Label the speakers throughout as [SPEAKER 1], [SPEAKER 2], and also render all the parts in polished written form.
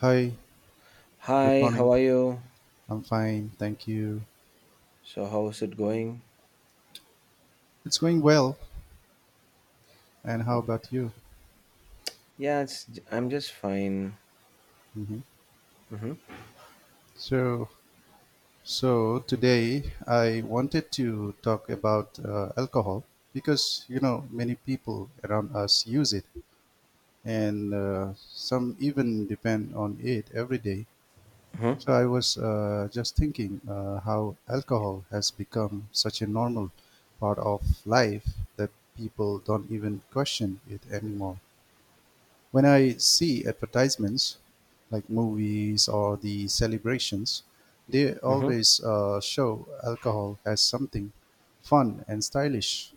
[SPEAKER 1] Hi, good
[SPEAKER 2] Hi, how
[SPEAKER 1] morning.
[SPEAKER 2] are you?
[SPEAKER 1] I'm fine, thank you.
[SPEAKER 2] So, how's it going?
[SPEAKER 1] It's going well. And how about you?
[SPEAKER 2] Yeah, it's, I'm just fine.
[SPEAKER 1] Hmm.
[SPEAKER 2] Mm-hmm.
[SPEAKER 1] So, so today I wanted to talk about alcohol because many people around us use it, and some even depend on it every day.
[SPEAKER 2] Mm-hmm.
[SPEAKER 1] So I was just thinking how alcohol has become such a normal part of life that people don't even question it anymore. When I see advertisements, like movies or the celebrations, they
[SPEAKER 2] Mm-hmm.
[SPEAKER 1] always show alcohol as something fun and stylish.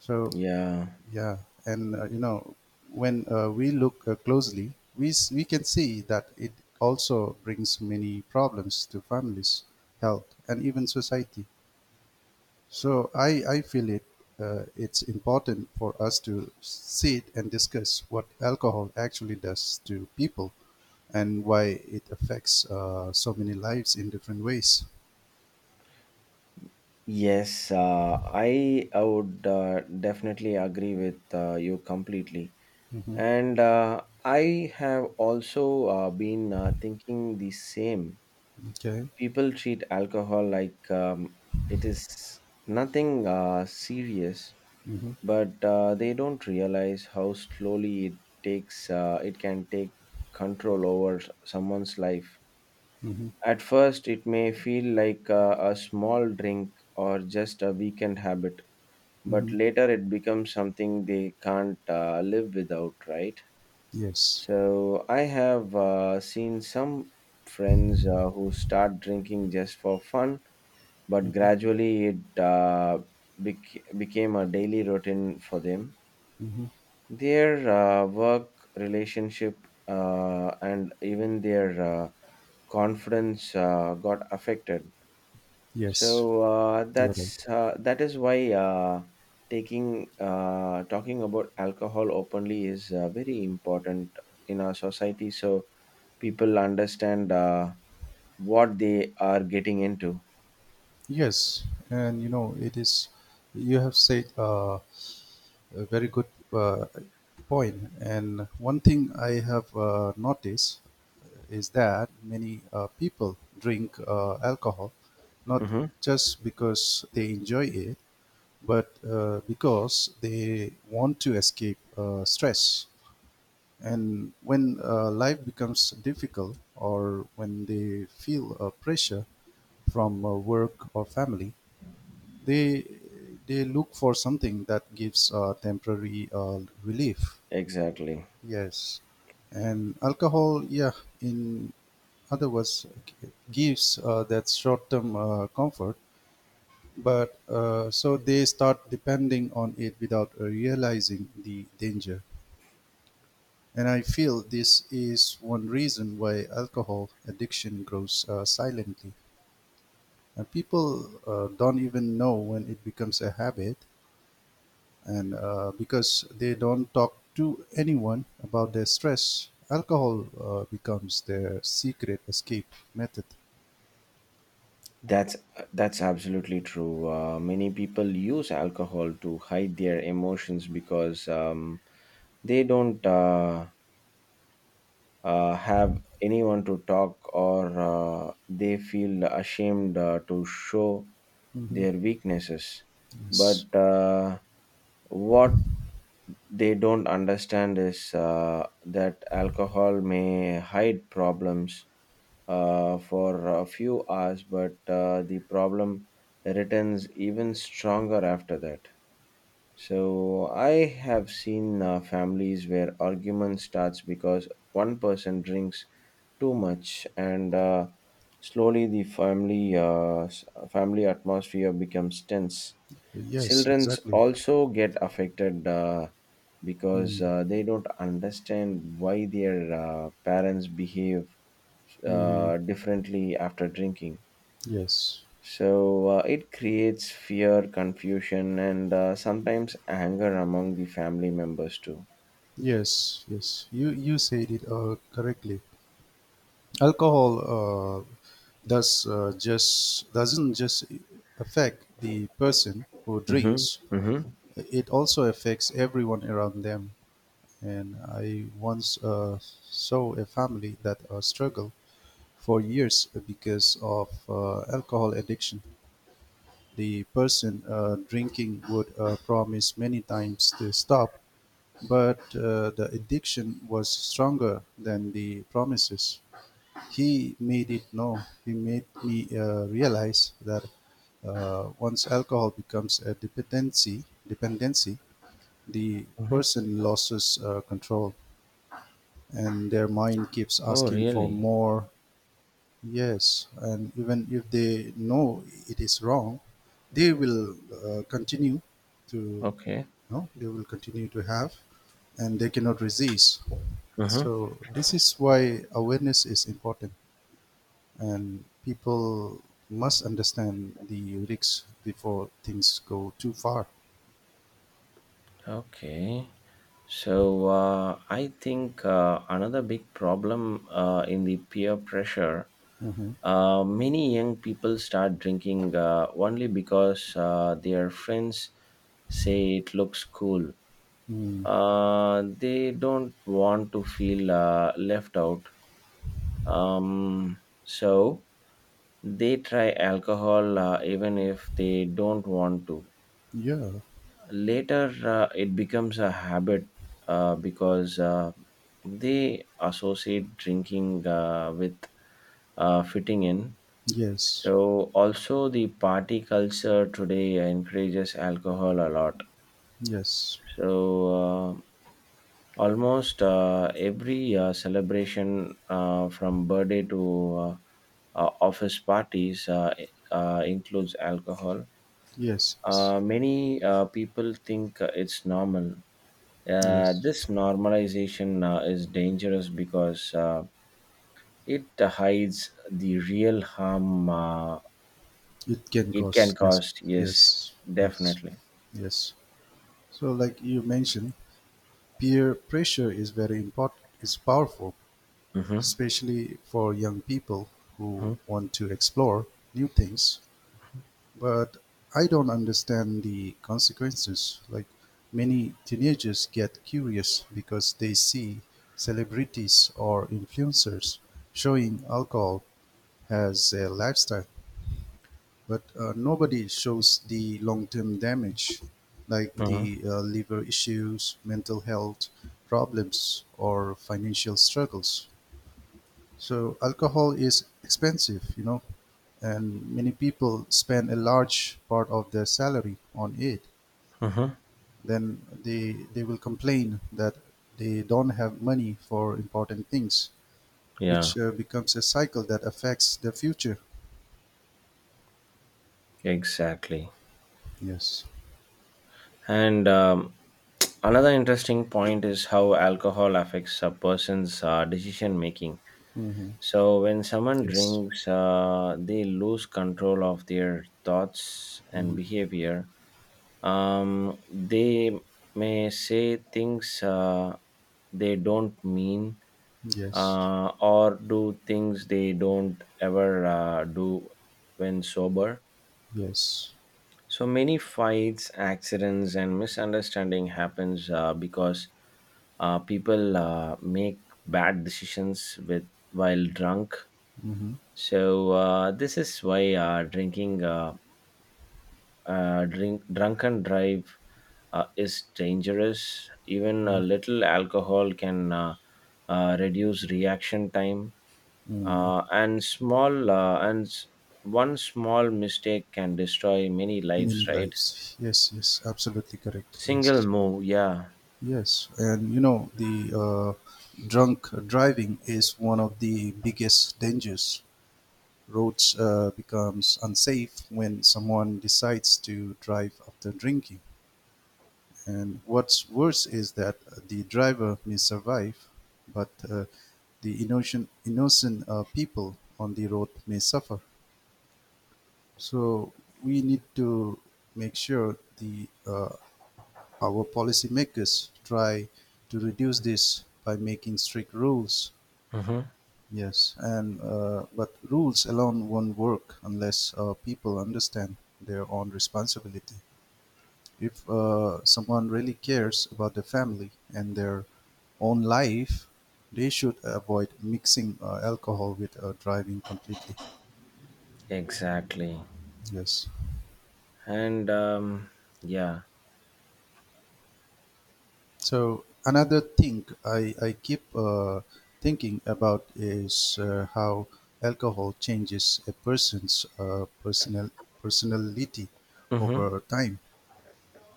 [SPEAKER 1] So
[SPEAKER 2] Yeah.
[SPEAKER 1] yeah, and when we look closely, we can see that it also brings many problems to families, health, and even society. So I feel it. It's important for us to sit and discuss what alcohol actually does to people and why it affects so many lives in different ways.
[SPEAKER 2] Yes, I would definitely agree with you completely.
[SPEAKER 1] Hmm.
[SPEAKER 2] And I have also been thinking the same.
[SPEAKER 1] Okay.
[SPEAKER 2] People treat alcohol like it is nothing serious,
[SPEAKER 1] Hmm.
[SPEAKER 2] but they don't realize how slowly it can take control over someone's life.
[SPEAKER 1] Hmm.
[SPEAKER 2] At first it may feel like a small drink or just a weekend habit, but
[SPEAKER 1] Hmm.
[SPEAKER 2] later it becomes something they can't live without, right?
[SPEAKER 1] Yes.
[SPEAKER 2] So I have seen some friends who start drinking just for fun, but
[SPEAKER 1] Hmm.
[SPEAKER 2] gradually it became a daily routine for them.
[SPEAKER 1] Hmm.
[SPEAKER 2] Their work, relationship, and even their confidence got affected.
[SPEAKER 1] Yes. You're right.
[SPEAKER 2] That is why, taking talking about alcohol openly is very important in our society, so people understand what they are getting into.
[SPEAKER 1] Yes, and you know it is. You have said a very good uh, point. And one thing I have noticed is that many people drink alcohol not
[SPEAKER 2] Hmm.
[SPEAKER 1] just because they enjoy it, but because they want to escape stress. And when life becomes difficult, or when they feel pressure from work or family, they they look for something that gives temporary relief.
[SPEAKER 2] Exactly.
[SPEAKER 1] Yes, and alcohol, yeah, in other words, gives that short-term comfort, but so they start depending on it without realizing the danger. And I feel this is one reason why alcohol addiction grows silently. And people don't even know when it becomes a habit, and because they don't talk to anyone about their stress, alcohol becomes their secret escape method.
[SPEAKER 2] That's that's absolutely true. Many people use alcohol to hide their emotions because they don't have anyone to talk, or they feel ashamed to show
[SPEAKER 1] Hmm.
[SPEAKER 2] their weaknesses.
[SPEAKER 1] Yes,
[SPEAKER 2] But what they don't understand is that alcohol may hide problems for a few hours, but the problem returns even stronger after that. So I have seen families where argument starts because one person drinks too much, and slowly the family atmosphere becomes tense.
[SPEAKER 1] yes,
[SPEAKER 2] Children
[SPEAKER 1] exactly.
[SPEAKER 2] also get affected because
[SPEAKER 1] Mm-hmm.
[SPEAKER 2] they don't understand why their parents behave
[SPEAKER 1] Mm-hmm.
[SPEAKER 2] differently after drinking.
[SPEAKER 1] Yes,
[SPEAKER 2] So it creates fear, confusion, and sometimes anger among the family members too.
[SPEAKER 1] yes, yes, you said it correctly. Alcohol uh, does just doesn't just affect the person who
[SPEAKER 2] Mm-hmm.
[SPEAKER 1] drinks.
[SPEAKER 2] Mm-hmm.
[SPEAKER 1] It also affects everyone around them. And I once saw a family that struggled for years because of alcohol addiction. The person drinking would promise many times to stop, but the addiction was stronger than the promises. He made it know, he made me realize that once alcohol becomes a dependency, the
[SPEAKER 2] Mm-hmm.
[SPEAKER 1] person loses control. And their mind keeps
[SPEAKER 2] Oh,
[SPEAKER 1] asking for
[SPEAKER 2] really?
[SPEAKER 1] more. Yes, and even if they know it is wrong, they will continue to.
[SPEAKER 2] Okay.
[SPEAKER 1] No, they will continue to have, and they cannot resist.
[SPEAKER 2] Mm-hmm.
[SPEAKER 1] So this is why awareness is important, and people must understand the risks before things go too far.
[SPEAKER 2] Okay. So I think another big problem in the peer pressure,
[SPEAKER 1] Hmm.
[SPEAKER 2] many young people start drinking only because their friends say it looks cool.
[SPEAKER 1] Mm.
[SPEAKER 2] They don't want to feel left out. So they try alcohol even if they don't want to.
[SPEAKER 1] Yeah.
[SPEAKER 2] Later, it becomes a habit because they associate drinking with fitting in.
[SPEAKER 1] Yes,
[SPEAKER 2] So, also, the party culture today encourages alcohol a lot.
[SPEAKER 1] yes,
[SPEAKER 2] So, uh, Almost every celebration, from birthday to office parties, includes alcohol.
[SPEAKER 1] yes, yes,
[SPEAKER 2] Many people think it's normal.
[SPEAKER 1] yes.
[SPEAKER 2] This normalization is dangerous because it hides the real harm
[SPEAKER 1] It can
[SPEAKER 2] it can
[SPEAKER 1] cause, yes,
[SPEAKER 2] cause. Yes,
[SPEAKER 1] yes, yes,
[SPEAKER 2] definitely.
[SPEAKER 1] yes, So, like you mentioned, peer pressure is very important, is powerful,
[SPEAKER 2] Mm-hmm,
[SPEAKER 1] especially for young people who want to explore new things. But I don't understand the consequences. Like, many teenagers get curious because they see celebrities or influencers showing alcohol as a lifestyle. But nobody shows the long-term damage, like
[SPEAKER 2] mm-hmm,
[SPEAKER 1] the liver issues, mental health problems, or financial struggles. So alcohol is expensive, and many people spend a large part of their salary on it.
[SPEAKER 2] mm-hmm.
[SPEAKER 1] Then they will complain that they don't have money for important things,
[SPEAKER 2] Yeah,
[SPEAKER 1] which becomes a cycle that affects their future.
[SPEAKER 2] exactly.
[SPEAKER 1] Yes.
[SPEAKER 2] And another interesting point is how alcohol affects a person's decision making.
[SPEAKER 1] Hmm.
[SPEAKER 2] So, when someone
[SPEAKER 1] Yes.
[SPEAKER 2] drinks, they lose control of their thoughts and
[SPEAKER 1] Hmm.
[SPEAKER 2] behavior. They may say things they don't mean,
[SPEAKER 1] Yes.
[SPEAKER 2] or do things they don't ever do when sober.
[SPEAKER 1] Yes.
[SPEAKER 2] So many fights, accidents, and misunderstanding happens because people make bad decisions with while drunk.
[SPEAKER 1] Mm-hmm.
[SPEAKER 2] So this is why drunken drive is dangerous. Even a
[SPEAKER 1] Mm.
[SPEAKER 2] little alcohol can reduce reaction time,
[SPEAKER 1] Mm.
[SPEAKER 2] and small and s- one small mistake can destroy many lives.
[SPEAKER 1] Many
[SPEAKER 2] Right.
[SPEAKER 1] lives. Yes, yes, absolutely correct.
[SPEAKER 2] Single
[SPEAKER 1] Yes,
[SPEAKER 2] move, yeah.
[SPEAKER 1] yes, and you know the drunk driving is one of the biggest dangers. Roads becomes unsafe when someone decides to drive after drinking, and what's worse is that the driver may survive, but the innocent people on the road may suffer. So we need to make sure the our policymakers try to reduce this by making strict rules.
[SPEAKER 2] Mm-hmm.
[SPEAKER 1] Yes, and but rules alone won't work unless people understand their own responsibility. If someone really cares about the family and their own life, they should avoid mixing alcohol with driving completely.
[SPEAKER 2] Exactly.
[SPEAKER 1] Yes.
[SPEAKER 2] And yeah.
[SPEAKER 1] So another thing I keep thinking about is how alcohol changes a person's personality
[SPEAKER 2] Mm-hmm.
[SPEAKER 1] over time.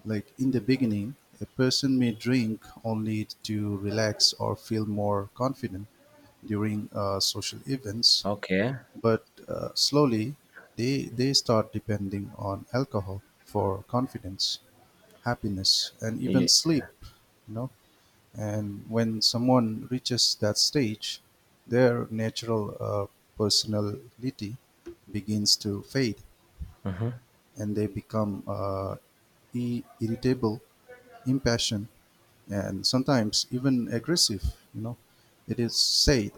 [SPEAKER 1] Like in the beginning, a person may drink only to relax or feel more confident during social events,
[SPEAKER 2] Okay.
[SPEAKER 1] but slowly they start depending on alcohol for confidence, happiness, and even
[SPEAKER 2] Ye-
[SPEAKER 1] sleep. You know, and when someone reaches that stage, their natural personality begins to fade,
[SPEAKER 2] Mm-hmm.
[SPEAKER 1] and they become irritable, impassioned, and sometimes even aggressive. It is said,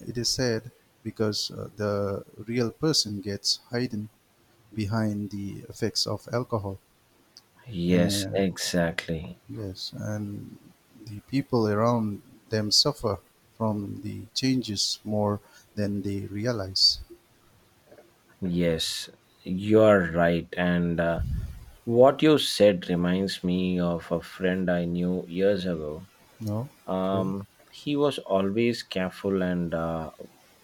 [SPEAKER 1] it is said because the real person gets hidden behind the effects of alcohol.
[SPEAKER 2] Yes,
[SPEAKER 1] And
[SPEAKER 2] exactly.
[SPEAKER 1] yes, and the people around them suffer from the changes more than they realize.
[SPEAKER 2] Yes, you are right. And what you said reminds me of a friend I knew years ago.
[SPEAKER 1] No? Okay.
[SPEAKER 2] Um, he was always careful and uh,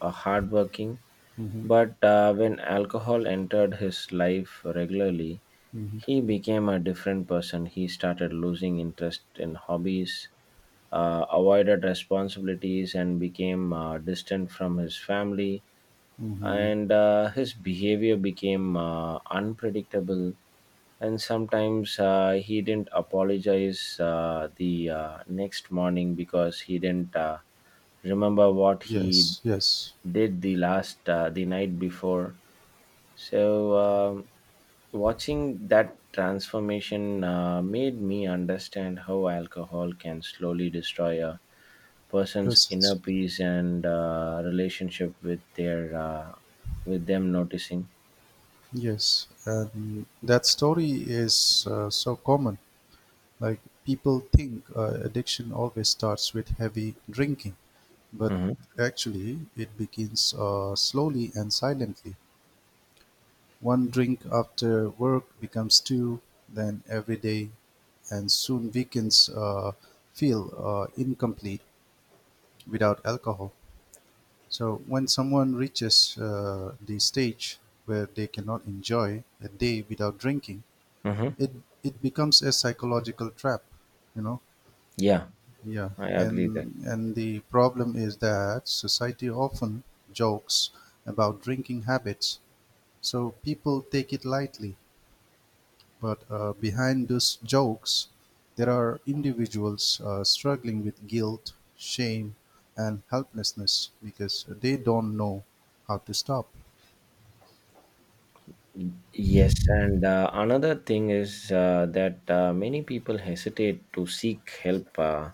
[SPEAKER 2] uh, hardworking,
[SPEAKER 1] Hmm.
[SPEAKER 2] but when alcohol entered his life regularly,
[SPEAKER 1] Hmm.
[SPEAKER 2] he became a different person. He started losing interest in hobbies, avoided responsibilities, and became distant from his family.
[SPEAKER 1] Hmm.
[SPEAKER 2] And his behavior became unpredictable. And sometimes he didn't apologize the next morning because he didn't remember what he
[SPEAKER 1] Yes, yes,
[SPEAKER 2] did the night before. So, watching that transformation made me understand how alcohol can slowly destroy a person's
[SPEAKER 1] yes,
[SPEAKER 2] inner peace and relationship with their with them noticing.
[SPEAKER 1] yes. And that story is so common. Like, people think addiction always starts with heavy drinking, but
[SPEAKER 2] Mm-hmm.
[SPEAKER 1] actually it begins slowly and silently. One drink after work becomes two, then every day, and soon weekends feel incomplete without alcohol. So when someone reaches the stage where they cannot enjoy a day without drinking,
[SPEAKER 2] Mm-hmm.
[SPEAKER 1] it it becomes a psychological trap, you know.
[SPEAKER 2] Yeah,
[SPEAKER 1] Yeah,
[SPEAKER 2] I agree that.
[SPEAKER 1] and the problem is that society often jokes about drinking habits, so people take it lightly. But behind those jokes, there are individuals struggling with guilt, shame, and helplessness because they don't know how to stop.
[SPEAKER 2] Yes, and another thing is that many people hesitate to seek help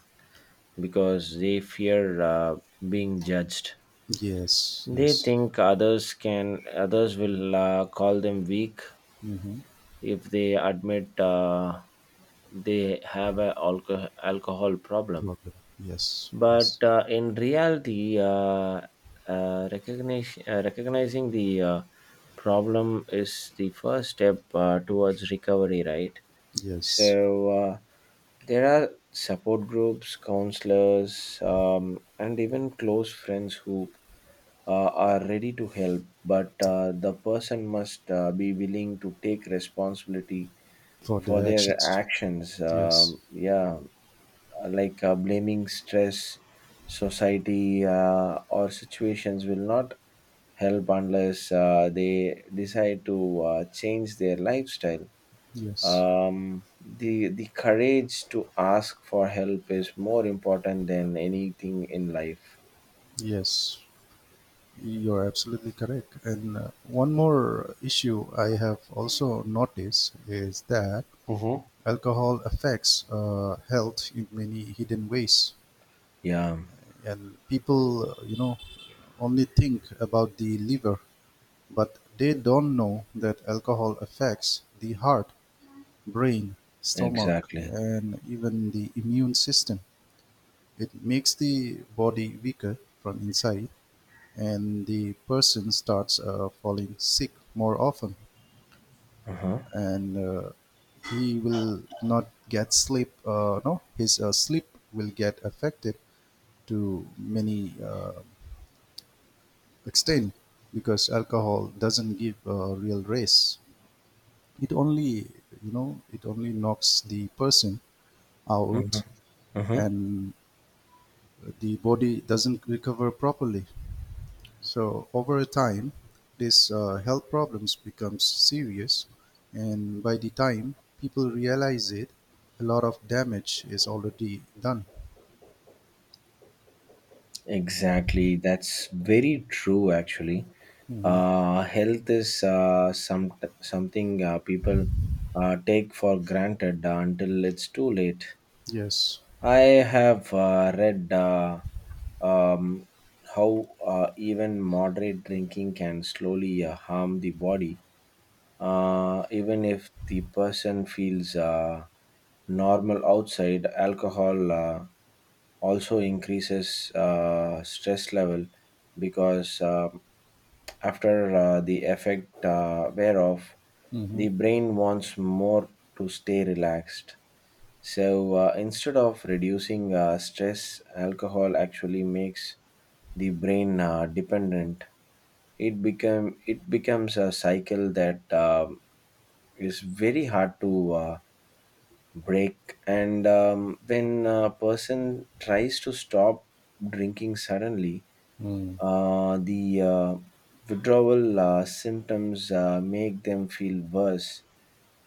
[SPEAKER 2] because they fear being judged.
[SPEAKER 1] Yes,
[SPEAKER 2] They
[SPEAKER 1] yes.
[SPEAKER 2] think others can Others will call them weak
[SPEAKER 1] Mm-hmm.
[SPEAKER 2] if they admit they have a alcohol problem.
[SPEAKER 1] Problem. Yes, yes,
[SPEAKER 2] But in reality, recognizing the problem is the first step towards recovery, right? So
[SPEAKER 1] yes.
[SPEAKER 2] there are support groups, counselors, and even close friends who are ready to help, but the person must be willing to take responsibility
[SPEAKER 1] For
[SPEAKER 2] for
[SPEAKER 1] their
[SPEAKER 2] their
[SPEAKER 1] actions.
[SPEAKER 2] actions.
[SPEAKER 1] Yes,
[SPEAKER 2] Yeah, like blaming stress, society, or situations will not help unless they decide to change their lifestyle.
[SPEAKER 1] yes,
[SPEAKER 2] The courage to ask for help is more important than anything in life.
[SPEAKER 1] yes. You're absolutely correct. And one more issue I have also noticed is that
[SPEAKER 2] Hmm.
[SPEAKER 1] alcohol affects health in many hidden ways,
[SPEAKER 2] Yeah,
[SPEAKER 1] and people, only think about the liver, but they don't know that alcohol affects the heart, brain, stomach,
[SPEAKER 2] exactly.
[SPEAKER 1] and even the immune system. It makes the body weaker from inside, and the person starts falling sick more often.
[SPEAKER 2] Uh huh.
[SPEAKER 1] And he will not get sleep. No, his sleep will get affected to many extent, because alcohol doesn't give a real race. It only, it only knocks the person out,
[SPEAKER 2] Uh huh.
[SPEAKER 1] and the body doesn't recover properly. So over a time, this health problems becomes serious, and by the time people realize it, a lot of damage is already done.
[SPEAKER 2] Exactly. That's very true, actually.
[SPEAKER 1] Hmm.
[SPEAKER 2] Health is something people take for granted until it's too late.
[SPEAKER 1] Yes.
[SPEAKER 2] I have read, um, how even moderate drinking can slowly harm the body, even if the person feels normal outside. Alcohol also increases stress level because after the effect wear off,
[SPEAKER 1] Hmm.
[SPEAKER 2] the brain wants more to stay relaxed. So instead of reducing stress, alcohol actually makes the brain dependent. It become it becomes a cycle that is very hard to break. And when a person tries to stop drinking suddenly,
[SPEAKER 1] Mm.
[SPEAKER 2] the withdrawal symptoms make them feel worse,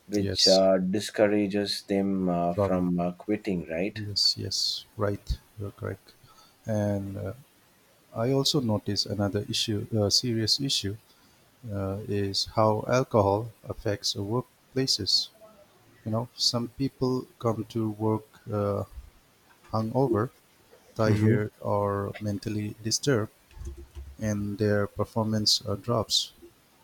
[SPEAKER 2] which
[SPEAKER 1] Yes.
[SPEAKER 2] discourages them
[SPEAKER 1] From
[SPEAKER 2] from quitting. Right.
[SPEAKER 1] Yes, yes, right. You're correct. And I also notice another issue, serious issue, is how alcohol affects workplaces. You know, some people come to work uh, hungover,
[SPEAKER 2] Hmm.
[SPEAKER 1] tired, or mentally disturbed, and their performance drops.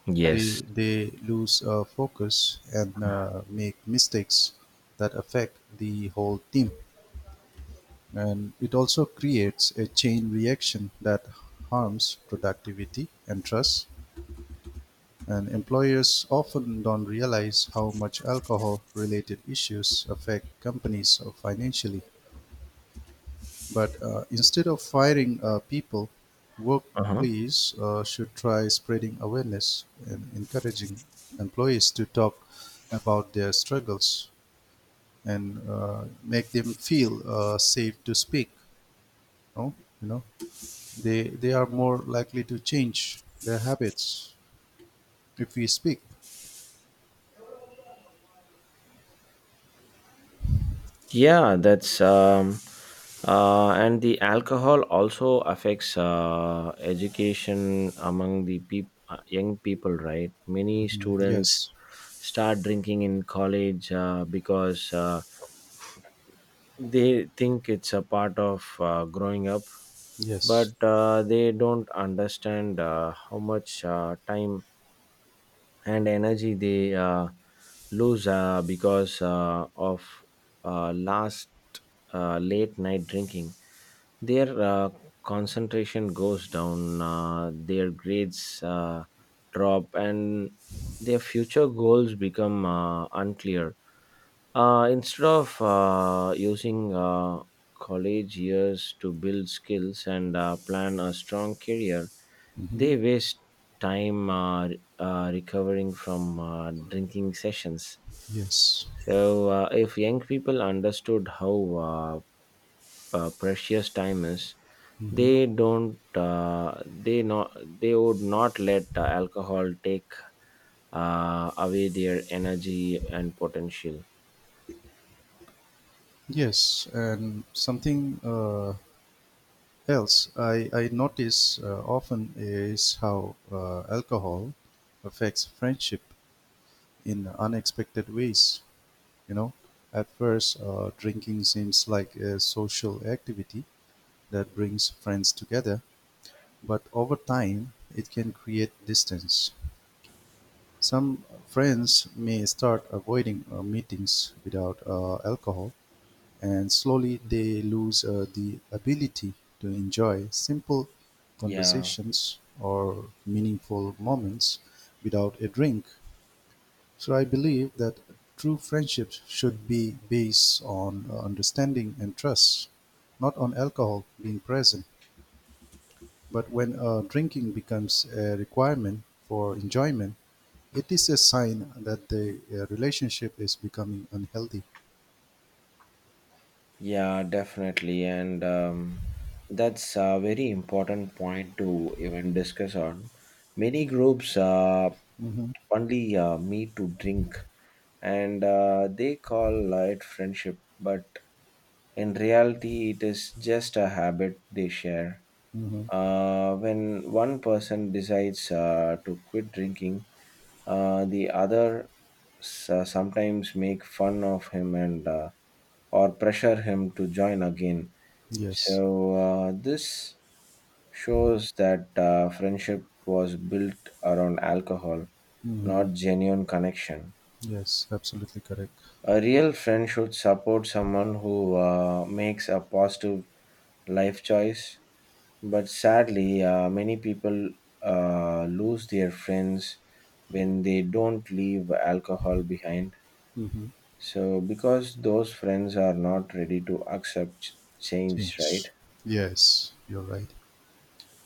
[SPEAKER 2] Yes.
[SPEAKER 1] They lose focus and make mistakes that affect the whole team. And it also creates a chain reaction that harms productivity and trust, and employers often don't realize how much alcohol related issues affect companies financially. But instead of firing people,
[SPEAKER 2] Uh-huh.
[SPEAKER 1] workplace should try spreading awareness and encouraging employees to talk about their struggles and make them feel safe to speak. No? You know, they are more likely to change their habits if we speak.
[SPEAKER 2] Yeah, that's and the alcohol also affects education among the peop young people, right? Many
[SPEAKER 1] Mhm.
[SPEAKER 2] students
[SPEAKER 1] Yes,
[SPEAKER 2] start drinking in college because they think it's a part of growing up, but
[SPEAKER 1] yes.
[SPEAKER 2] they don't understand how much time and energy they lose because of last late night drinking. Their concentration goes down, their grades drop, and their future goals become unclear. Uh, instead of using college years to build skills and plan a strong career,
[SPEAKER 1] Hmm.
[SPEAKER 2] they waste time recovering from drinking sessions.
[SPEAKER 1] Yes.
[SPEAKER 2] So, if young people understood how precious time is,
[SPEAKER 1] Hmm.
[SPEAKER 2] they would not let alcohol take away their energy and potential.
[SPEAKER 1] Yes. And something else I notice often is how alcohol affects friendship in unexpected ways. You know, at first, drinking seems like a social activity that brings friends together, but over time, it can create distance. Some friends may start avoiding meetings without alcohol, and slowly they lose the ability to enjoy simple
[SPEAKER 2] Yeah.
[SPEAKER 1] conversations or meaningful moments without a drink. So I believe that true friendships should be based on understanding and trust, not on alcohol being present. But when drinking becomes a requirement for enjoyment, it is a sign that the relationship is becoming unhealthy.
[SPEAKER 2] Yeah, definitely. And that's a very important point to even discuss on. Many groups
[SPEAKER 1] Mm-hmm.
[SPEAKER 2] only meet to drink, and they call it friendship, but in reality, it is just a habit they share.
[SPEAKER 1] Mm-hmm.
[SPEAKER 2] When one person decides to quit drinking, the other s- sometimes make fun of him and, or pressure him to join again.
[SPEAKER 1] Yes.
[SPEAKER 2] So this shows that friendship was built around alcohol,
[SPEAKER 1] Mm-hmm.
[SPEAKER 2] not genuine connection.
[SPEAKER 1] Yes, absolutely correct.
[SPEAKER 2] A real friend should support someone who makes a positive life choice. But sadly, many people lose their friends when they don't leave alcohol behind.
[SPEAKER 1] Mm-hmm.
[SPEAKER 2] So, because those friends are not ready to accept change, right?
[SPEAKER 1] Change. Yes, you're right.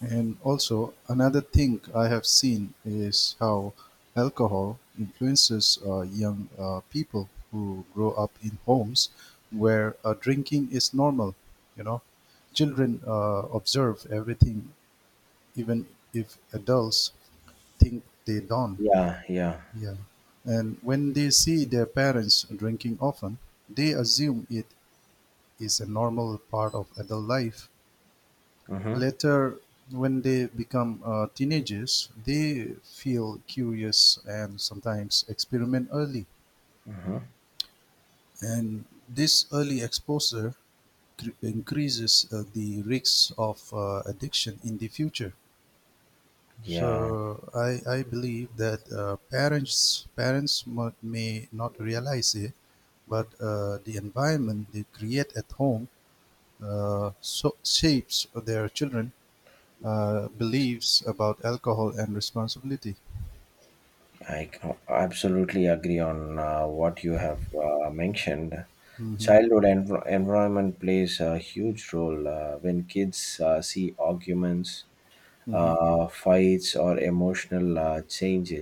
[SPEAKER 1] And also, another thing I have seen is how alcohol influences young people who grow up in homes where drinking is normal. You know, children observe everything, even if adults think they don't.
[SPEAKER 2] Yeah, yeah.
[SPEAKER 1] Yeah. And when they see their parents drinking often, they assume it is a normal part of adult life.
[SPEAKER 2] Mm-hmm.
[SPEAKER 1] Later, when they become teenagers, they feel curious and sometimes experiment early. And this early exposure increases the risks of addiction in the future.
[SPEAKER 2] Yeah.
[SPEAKER 1] So I believe that parents may not realize it, but the environment they create at home so shapes their children beliefs about alcohol and responsibility.
[SPEAKER 2] I Absolutely agree on what you have mentioned.
[SPEAKER 1] Mm-hmm.
[SPEAKER 2] Childhood environment plays a huge role when kids see arguments,
[SPEAKER 1] Mm-hmm.
[SPEAKER 2] fights, or emotional change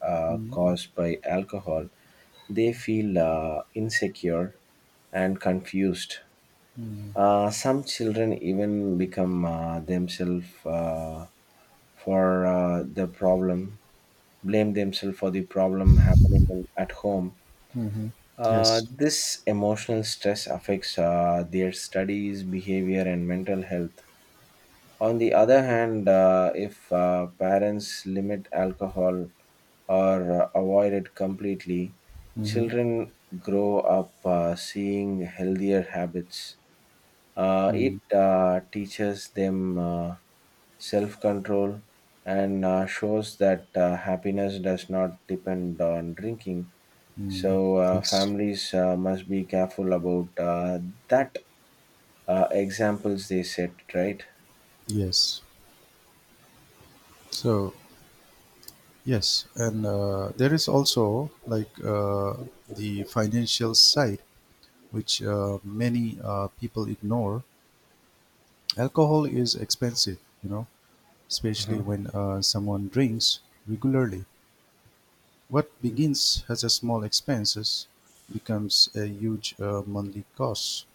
[SPEAKER 2] caused by alcohol. They feel insecure and confused.
[SPEAKER 1] Mm-hmm.
[SPEAKER 2] Some children even become themselves for the problem, blame themselves for the problem happening at home.
[SPEAKER 1] Mm-hmm. Yes.
[SPEAKER 2] This emotional stress affects their studies, behavior, and mental health. On the other hand, if parents limit alcohol or avoid it completely,
[SPEAKER 1] Mm-hmm.
[SPEAKER 2] children grow up seeing healthier habits. Uh, it teaches them self control and shows that happiness does not depend on drinking.
[SPEAKER 1] Mm-hmm.
[SPEAKER 2] So,
[SPEAKER 1] Yes.
[SPEAKER 2] families must be careful about that examples they set, right?
[SPEAKER 1] Yes. So yes, and there is also like the financial side, which many people ignore. Alcohol is expensive, especially when someone drinks regularly. What begins as a small expenses becomes a huge monthly cost.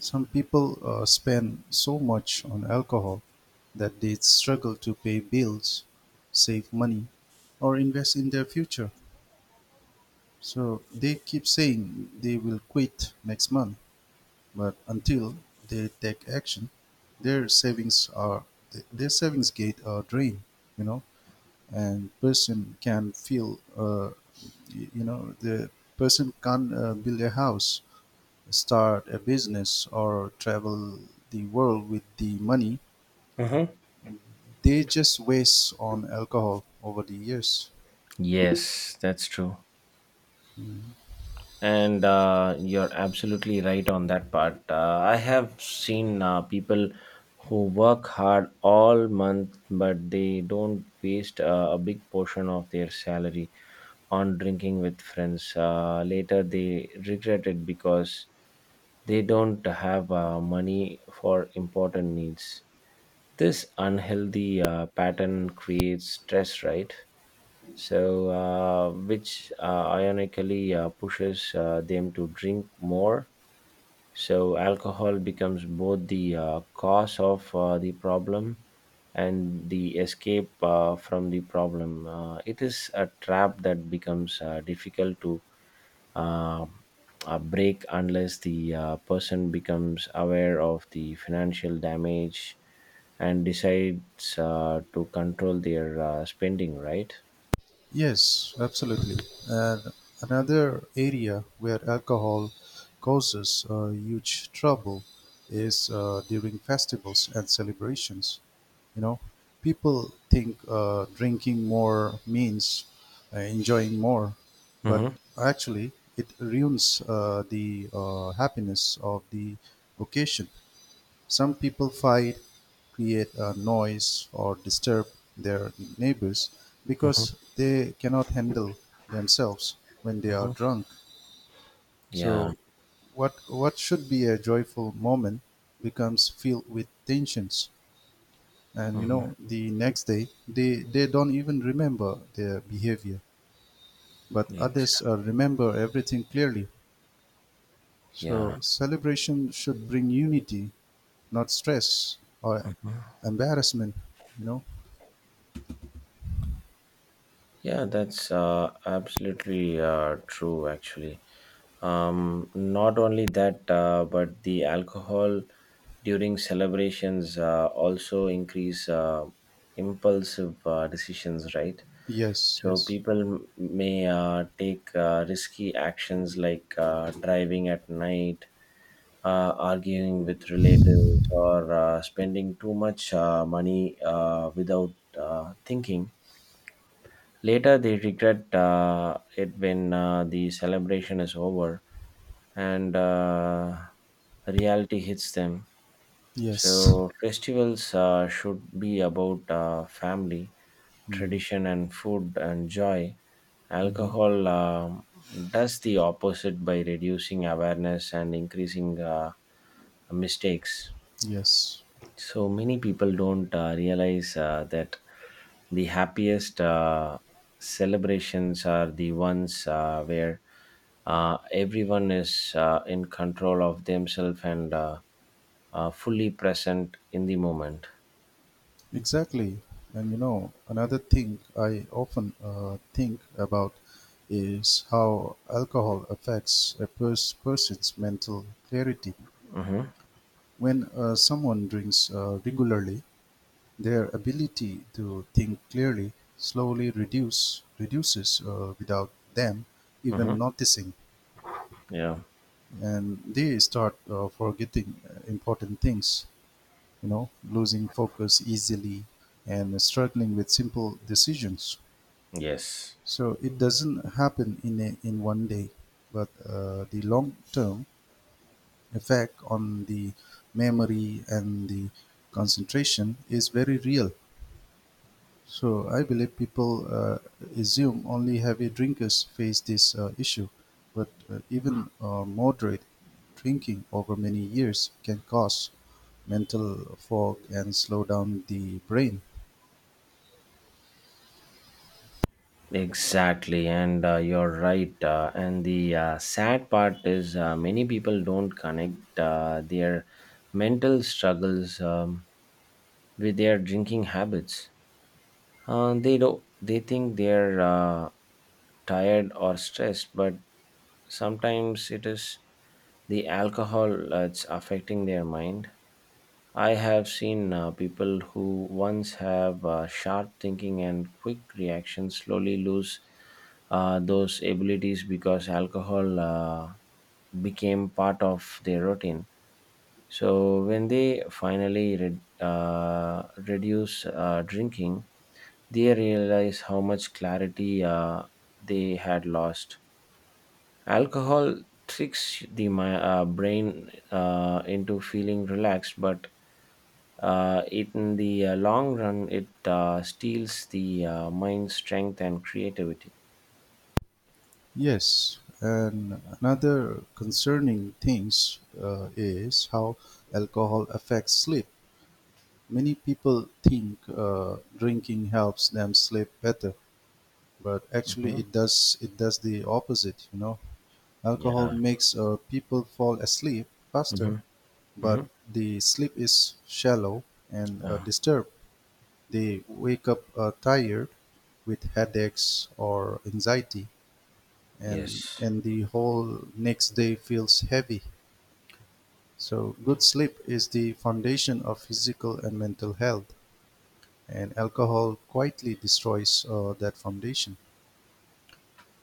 [SPEAKER 1] Some people spend so much on alcohol that they struggle to pay bills, save money, or invest in their future. So they keep saying they will quit next month, but until they take action, their savings are their savings get drained. You know, and person can feel y- you know the person can build a house, start a business, or travel the world with the money they just waste on alcohol over the years.
[SPEAKER 2] Yes, that's true. And you're absolutely right on that part. I have seen people who work hard all month, but they don't waste a big portion of their salary on drinking with friends. Later, they regret it because they don't have money for important needs. This unhealthy pattern creates stress, right? So which ironically pushes them to drink more. So alcohol becomes both the cause of the problem and the escape from the problem. Uh, it is a trap that becomes difficult to uh, break unless the person becomes aware of the financial damage and decides to control their spending, right?
[SPEAKER 1] Yes, absolutely. And another area where alcohol causes huge trouble is during festivals and celebrations. You know, people think drinking more means enjoying more, but
[SPEAKER 2] Hmm.
[SPEAKER 1] actually, it ruins the happiness of the occasion. Some people fight, create a noise, or disturb their neighbors
[SPEAKER 2] Mhm,
[SPEAKER 1] because they cannot handle themselves when they are
[SPEAKER 2] mhm.
[SPEAKER 1] drunk.
[SPEAKER 2] Yeah.
[SPEAKER 1] So, what should be a joyful moment becomes filled with tensions, and you
[SPEAKER 2] Mhm.
[SPEAKER 1] know the next day they don't even remember their behavior, but
[SPEAKER 2] Ex-
[SPEAKER 1] others remember everything clearly.
[SPEAKER 2] yeah.
[SPEAKER 1] So celebration should bring unity, not stress or embarrassment, you know.
[SPEAKER 2] Yeah, that's absolutely true, actually. Not only that, but the alcohol during celebrations also increase impulsive decisions, right?
[SPEAKER 1] Yes,
[SPEAKER 2] So
[SPEAKER 1] yes,
[SPEAKER 2] people may take risky actions like driving at night, arguing with relatives, or spending too much money without thinking. Later, they regret it when the celebration is over and reality hits them.
[SPEAKER 1] yes,
[SPEAKER 2] So, festivals should be about family, tradition, and food and joy. Alcohol does the opposite by reducing awareness and increasing mistakes.
[SPEAKER 1] yes,
[SPEAKER 2] So many people don't realize that the happiest celebrations are the ones where everyone is in control of themselves and fully present in the moment.
[SPEAKER 1] exactly. And you know, another thing I often think about is how alcohol affects a person's mental clarity.
[SPEAKER 2] Mm-hmm.
[SPEAKER 1] When someone drinks regularly, their ability to think clearly slowly reduces without them
[SPEAKER 2] Mm-hmm.
[SPEAKER 1] even noticing,
[SPEAKER 2] Yeah.
[SPEAKER 1] and they start forgetting important things, you know, losing focus easily and struggling with simple decisions.
[SPEAKER 2] Yes.
[SPEAKER 1] So it doesn't happen in one day, but the long term effect on the memory and the concentration is very real. So I believe people assume only heavy drinkers face this issue, but even moderate drinking over many years can cause mental fog and slow down the brain.
[SPEAKER 2] Exactly, and you're right. And the sad part is many people don't connect their mental struggles with their drinking habits. They think they're tired or stressed, but sometimes it is the alcohol that's affecting their mind. I have seen people who once have sharp thinking and quick reactions slowly lose those abilities because alcohol became part of their routine. So when they finally reduce drinking, they realize how much clarity they had lost. Alcohol tricks the brain into feeling relaxed, but it, in the long run, it steals the mind's strength and creativity.
[SPEAKER 1] Yes, and another concerning things is how alcohol affects sleep. Many people think drinking helps them sleep better, but actually
[SPEAKER 2] Hmm.
[SPEAKER 1] it does the opposite. You know, alcohol
[SPEAKER 2] Yeah.
[SPEAKER 1] makes people fall asleep faster,
[SPEAKER 2] Hmm. Hmm.
[SPEAKER 1] but the sleep is shallow and
[SPEAKER 2] Uh,
[SPEAKER 1] disturbed. They wake up tired with headaches or anxiety, and,
[SPEAKER 2] yes.
[SPEAKER 1] the whole next day feels heavy. So, good sleep is the foundation of physical and mental health, and alcohol quietly destroys that foundation.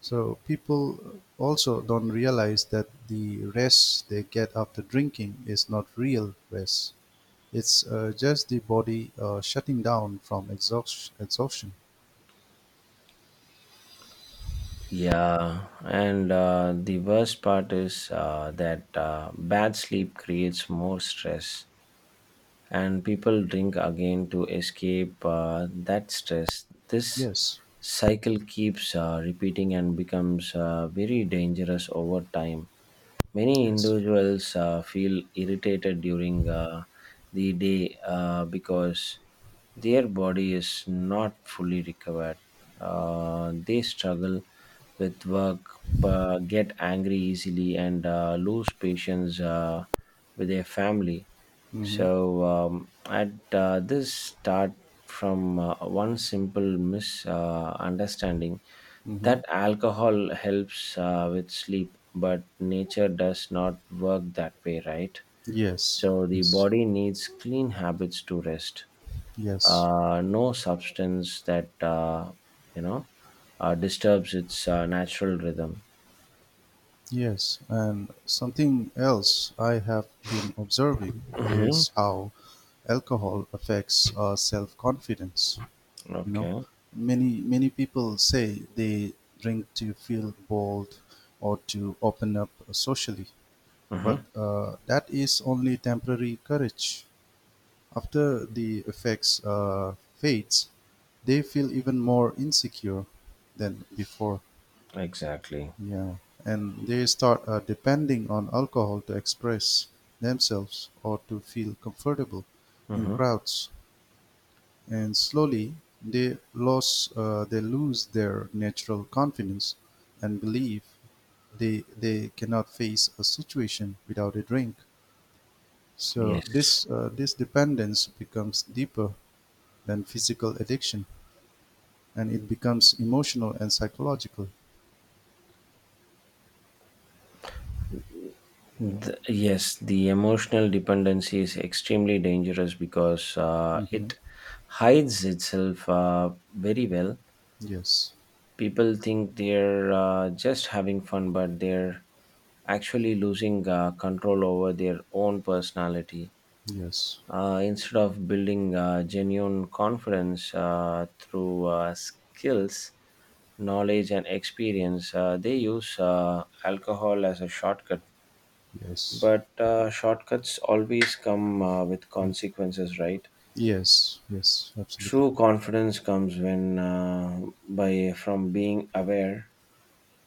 [SPEAKER 1] So people also don't realize that the rest they get after drinking is not real rest. It's just the body shutting down from exhaustion.
[SPEAKER 2] Yeah, and the worst part is that bad sleep creates more stress, and people drink again to escape that stress. This
[SPEAKER 1] Yes.
[SPEAKER 2] cycle keeps repeating and becomes very dangerous over time. Many
[SPEAKER 1] Yes.
[SPEAKER 2] individuals feel irritated during the day because their body is not fully recovered. They struggle with work, get angry easily, and lose patience with their family.
[SPEAKER 1] Mm-hmm.
[SPEAKER 2] So at this start from one simple misunderstanding
[SPEAKER 1] Mm-hmm.
[SPEAKER 2] that alcohol helps with sleep, but nature does not work that way, right?
[SPEAKER 1] Yes.
[SPEAKER 2] So the
[SPEAKER 1] Yes.
[SPEAKER 2] body needs clean habits to rest.
[SPEAKER 1] Yes.
[SPEAKER 2] No substance that you know disturbs its natural rhythm.
[SPEAKER 1] Yes. And something else I have been observing
[SPEAKER 2] Mm-hmm.
[SPEAKER 1] is how alcohol affects our self confidence. You know,
[SPEAKER 2] Okay.
[SPEAKER 1] many people say they drink to feel bold or to open up socially, but
[SPEAKER 2] Mm-hmm.
[SPEAKER 1] that is only temporary courage. After the effects fades, they feel even more insecure than before.
[SPEAKER 2] Exactly.
[SPEAKER 1] Yeah. And they start depending on alcohol to express themselves or to feel comfortable in
[SPEAKER 2] Mm-hmm.
[SPEAKER 1] crowds, and slowly they lose their natural confidence and believe they cannot face a situation without a drink. So
[SPEAKER 2] Yes.
[SPEAKER 1] this dependence becomes deeper than physical addiction, and it becomes emotional and psychological.
[SPEAKER 2] Yes, the emotional dependency is extremely dangerous because
[SPEAKER 1] Hmm.
[SPEAKER 2] it hides itself very well.
[SPEAKER 1] Yes,
[SPEAKER 2] People think they're just having fun, but they're actually losing control over their own personality.
[SPEAKER 1] yes,
[SPEAKER 2] Instead of building genuine confidence through skills, knowledge, and experience, they use alcohol as a shortcut,
[SPEAKER 1] yes.
[SPEAKER 2] but shortcuts always come with
[SPEAKER 1] Mm.
[SPEAKER 2] consequences, right?
[SPEAKER 1] Yes, yes, absolutely.
[SPEAKER 2] True confidence comes when by from being aware,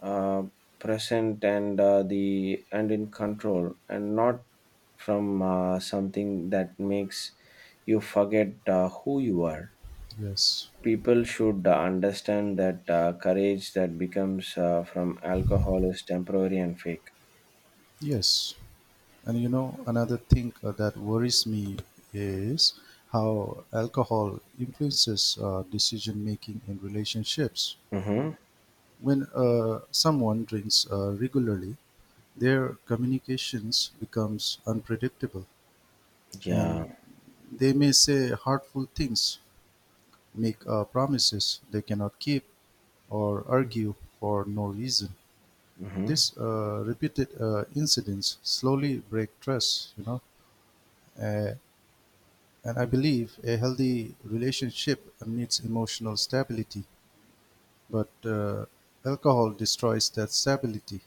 [SPEAKER 2] uh, present, and the and in control, and not from something that makes you forget who you are.
[SPEAKER 1] Yes,
[SPEAKER 2] People should understand that courage that becomes from alcohol is temporary and fake.
[SPEAKER 1] yes. And you know, another thing that worries me is how alcohol influences decision making in relationships.
[SPEAKER 2] Mm-hmm.
[SPEAKER 1] When someone drinks regularly, their communications becomes unpredictable,
[SPEAKER 2] Yeah.
[SPEAKER 1] and they may say hurtful things, make promises they cannot keep, or argue for no reason.
[SPEAKER 2] Mm-hmm.
[SPEAKER 1] These repeated incidents slowly break trust, you know. uh, And I believe a healthy relationship needs emotional stability, but alcohol destroys that stability.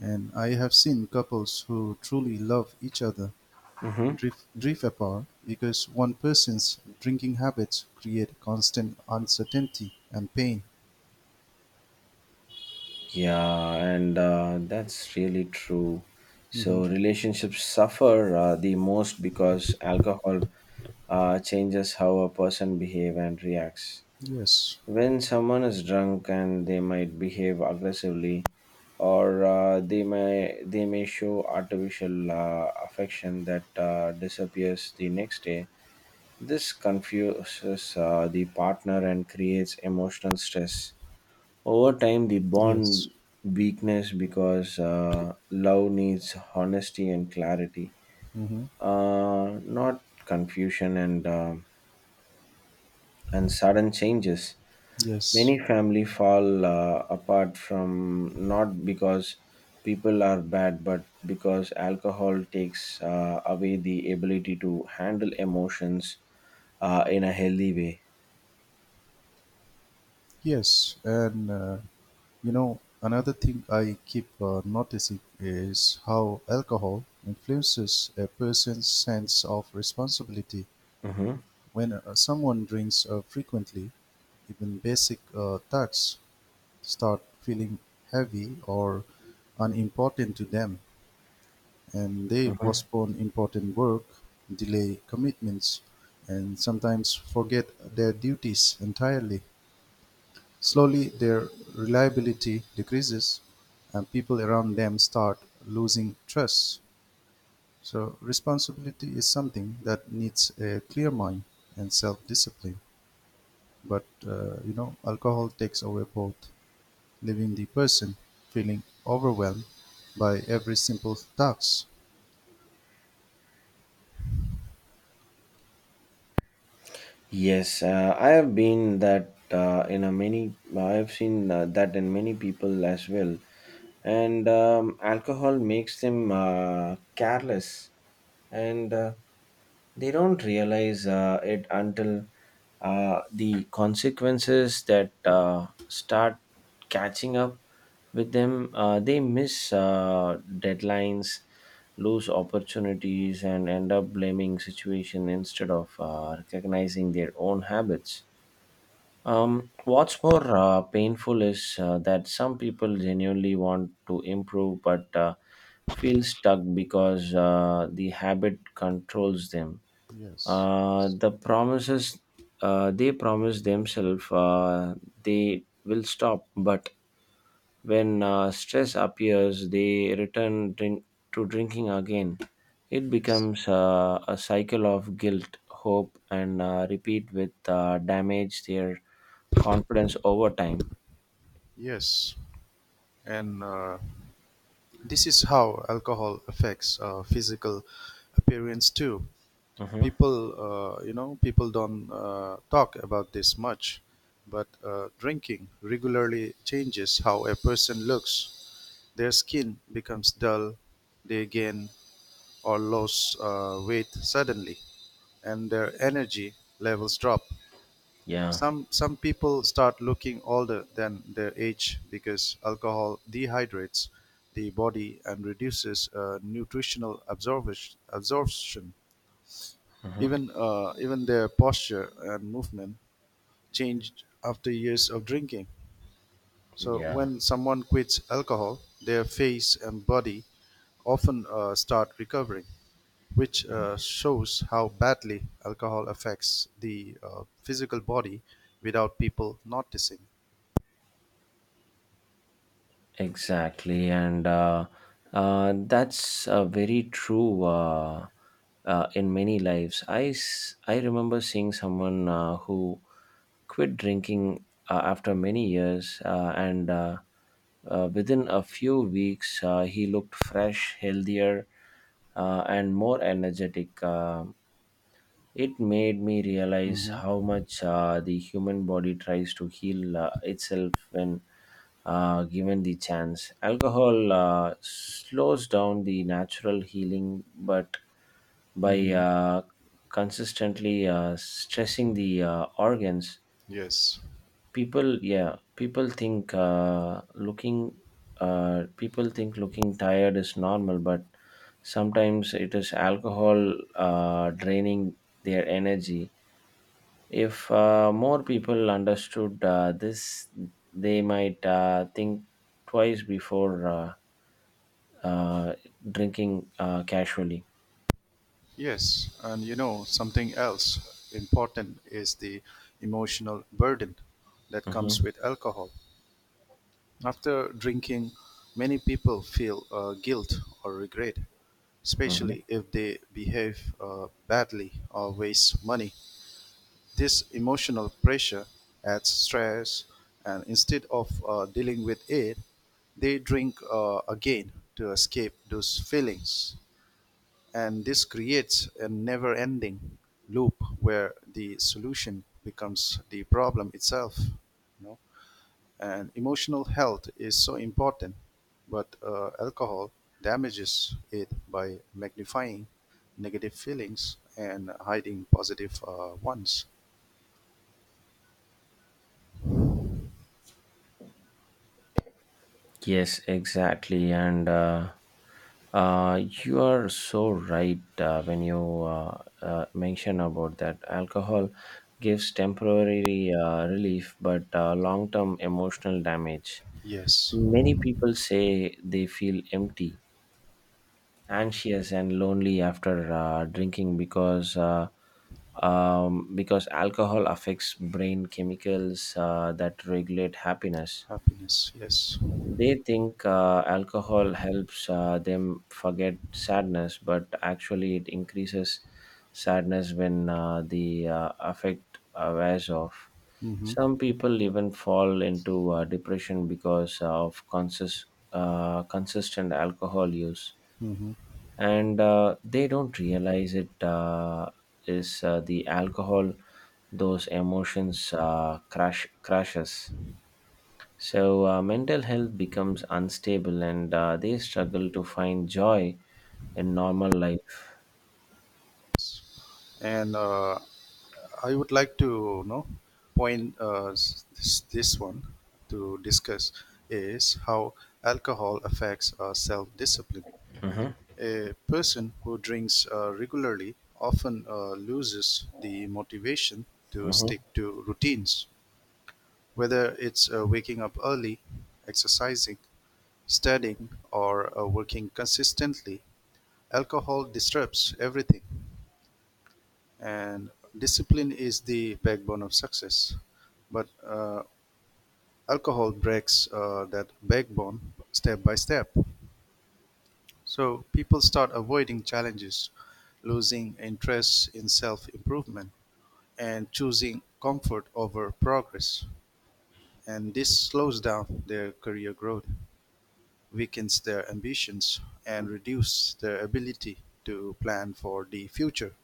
[SPEAKER 1] And I have seen couples who truly love each other
[SPEAKER 2] Mm-hmm.
[SPEAKER 1] drift apart because one person's drinking habits create constant uncertainty and pain.
[SPEAKER 2] Yeah, and that's really true.
[SPEAKER 1] Hmm.
[SPEAKER 2] So relationships suffer the most because alcohol changes how a person behave and reacts.
[SPEAKER 1] Yes,
[SPEAKER 2] When someone is drunk and they might behave aggressively, or they may show artificial affection that disappears the next day. This confuses the partner and creates emotional stress. Over time, the
[SPEAKER 1] yes.
[SPEAKER 2] bond weakness because love needs honesty and clarity,
[SPEAKER 1] Hmm.
[SPEAKER 2] not confusion and sudden changes.
[SPEAKER 1] Yes,
[SPEAKER 2] Many family fall apart from not because people are bad, but because alcohol takes away the ability to handle emotions in a healthy way.
[SPEAKER 1] yes. And you know, another thing I keep noticing is how alcohol influences a person's sense of responsibility.
[SPEAKER 2] Hmm.
[SPEAKER 1] When someone drinks frequently, even basic tasks start feeling heavy or unimportant to them, and they
[SPEAKER 2] Hmm.
[SPEAKER 1] postpone important work, delay commitments, and sometimes forget their duties entirely. Slowly their reliability decreases and people around them start losing trust. So responsibility is something that needs a clear mind and self-discipline. But you know, alcohol takes away both, leaving the person feeling overwhelmed by every simple task.
[SPEAKER 2] Yes, I have been that in a many. I have seen that in many people as well, and alcohol makes them careless, and they don't realize it until the consequences that start catching up with them. They miss deadlines, lose opportunities, and end up blaming situation instead of recognizing their own habits. What's more painful is that some people genuinely want to improve but feel stuck because the habit controls them.
[SPEAKER 1] Yes.
[SPEAKER 2] The promises they promise themselves they will stop, but when stress appears, they return to drinking again. It
[SPEAKER 1] Yes.
[SPEAKER 2] becomes a cycle of guilt, hope, and repeat with damage their confidence over time.
[SPEAKER 1] Yes. And this is how alcohol affects physical appearance too.
[SPEAKER 2] Hmm.
[SPEAKER 1] People, you know, people don't talk about this much, but drinking regularly changes how a person looks. Their skin becomes dull, they gain or lose weight suddenly, and their energy levels drop.
[SPEAKER 2] Yeah.
[SPEAKER 1] Some people start looking older than their age because alcohol dehydrates the body and reduces absorption.
[SPEAKER 2] Hmm.
[SPEAKER 1] Even their posture and movement changed after years of drinking. So
[SPEAKER 2] Yeah.
[SPEAKER 1] when someone quits alcohol, their face and body often start recovering, which shows how badly alcohol affects the physical body without people noticing.
[SPEAKER 2] Exactly, and that's very true in many lives. I remember seeing someone who quit drinking after many years, and within a few weeks, he looked fresh, healthier, and more energetic. It made me realize
[SPEAKER 1] Hmm.
[SPEAKER 2] how much the human body tries to heal itself when given the chance. Alcohol slows down the natural healing, but by
[SPEAKER 1] Hmm.
[SPEAKER 2] consistently stressing the organs,
[SPEAKER 1] Yes,
[SPEAKER 2] people think looking people think looking tired is normal, but sometimes it is alcohol draining their energy. If more people understood this, they might think twice before uh, drinking casually.
[SPEAKER 1] yes. And you know, something else important is the emotional burden that
[SPEAKER 2] Hmm.
[SPEAKER 1] comes with alcohol. After drinking, many people feel guilt or regret,
[SPEAKER 2] Hmm.
[SPEAKER 1] especially if they behave badly or waste money. This emotional pressure adds stress, and instead of dealing with it, they drink again to escape those feelings. And this creates a never ending loop where the solution becomes the problem itself. You know? And emotional health is so important, but alcohol damages it by magnifying negative feelings and hiding positive ones.
[SPEAKER 2] Yes, exactly. And you are so right when you mention about that. Alcohol gives temporary relief, but long term emotional damage.
[SPEAKER 1] Yes,
[SPEAKER 2] Many people say they feel empty, anxious, and lonely after drinking because alcohol affects brain chemicals that regulate happiness.
[SPEAKER 1] happiness. Yes.
[SPEAKER 2] They think alcohol helps them forget sadness, but actually it increases sadness when the affect wears off.
[SPEAKER 1] Mm-hmm.
[SPEAKER 2] Some people even fall into depression because of consistent alcohol use,
[SPEAKER 1] Mm-hmm.
[SPEAKER 2] and they don't realize it is the alcohol those emotions crashes. So mental health becomes unstable and they struggle to find joy in normal life.
[SPEAKER 1] And I would like to, you know, this, this one, to discuss is how alcohol affects self-discipline. A person who drinks regularly often loses the motivation to
[SPEAKER 2] Hmm.
[SPEAKER 1] stick to routines, whether it's waking up early, exercising, studying, or working consistently. Alcohol disrupts everything, and discipline is the backbone of success. But alcohol breaks that backbone step by step. So people start avoiding challenges, losing interest in self improvement, and choosing comfort over progress. And this slows down their career growth, weakens their ambitions, and reduces their ability to plan for the future.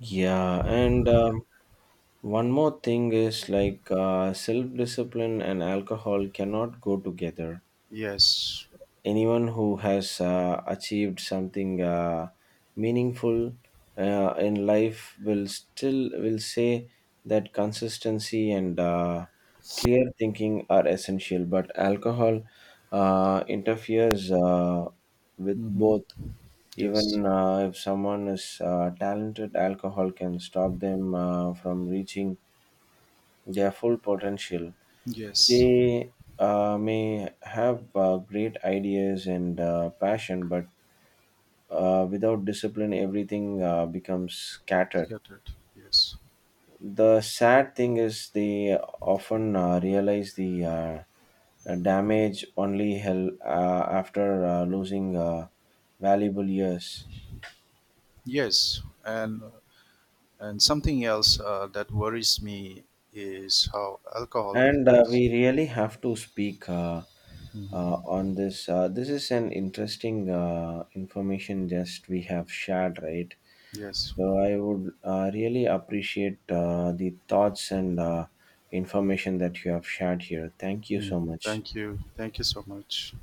[SPEAKER 2] Yeah, and one more thing is like self discipline and alcohol cannot go together.
[SPEAKER 1] Yes.
[SPEAKER 2] Anyone who has achieved something meaningful in life will still will say that consistency and clear thinking are essential, but alcohol interferes with
[SPEAKER 1] Hmm.
[SPEAKER 2] both.
[SPEAKER 1] Yes.
[SPEAKER 2] Even if someone is talented, alcohol can stop them from reaching their full potential.
[SPEAKER 1] Yes.
[SPEAKER 2] They may have great ideas and passion, but without discipline, everything becomes scattered.
[SPEAKER 1] Scattered. Yes.
[SPEAKER 2] The sad thing is, they often realize the damage only hell after losing valuable years.
[SPEAKER 1] Yes. And something else that worries me is how alcohol
[SPEAKER 2] And
[SPEAKER 1] affects.
[SPEAKER 2] we really have to speak
[SPEAKER 1] Mhm.
[SPEAKER 2] on this. This is an interesting information just we have shared, right?
[SPEAKER 1] Yes.
[SPEAKER 2] So I would really appreciate the thoughts and information that you have shared here. Thank you
[SPEAKER 1] Mm.
[SPEAKER 2] so much.
[SPEAKER 1] Thank you. Thank you so much.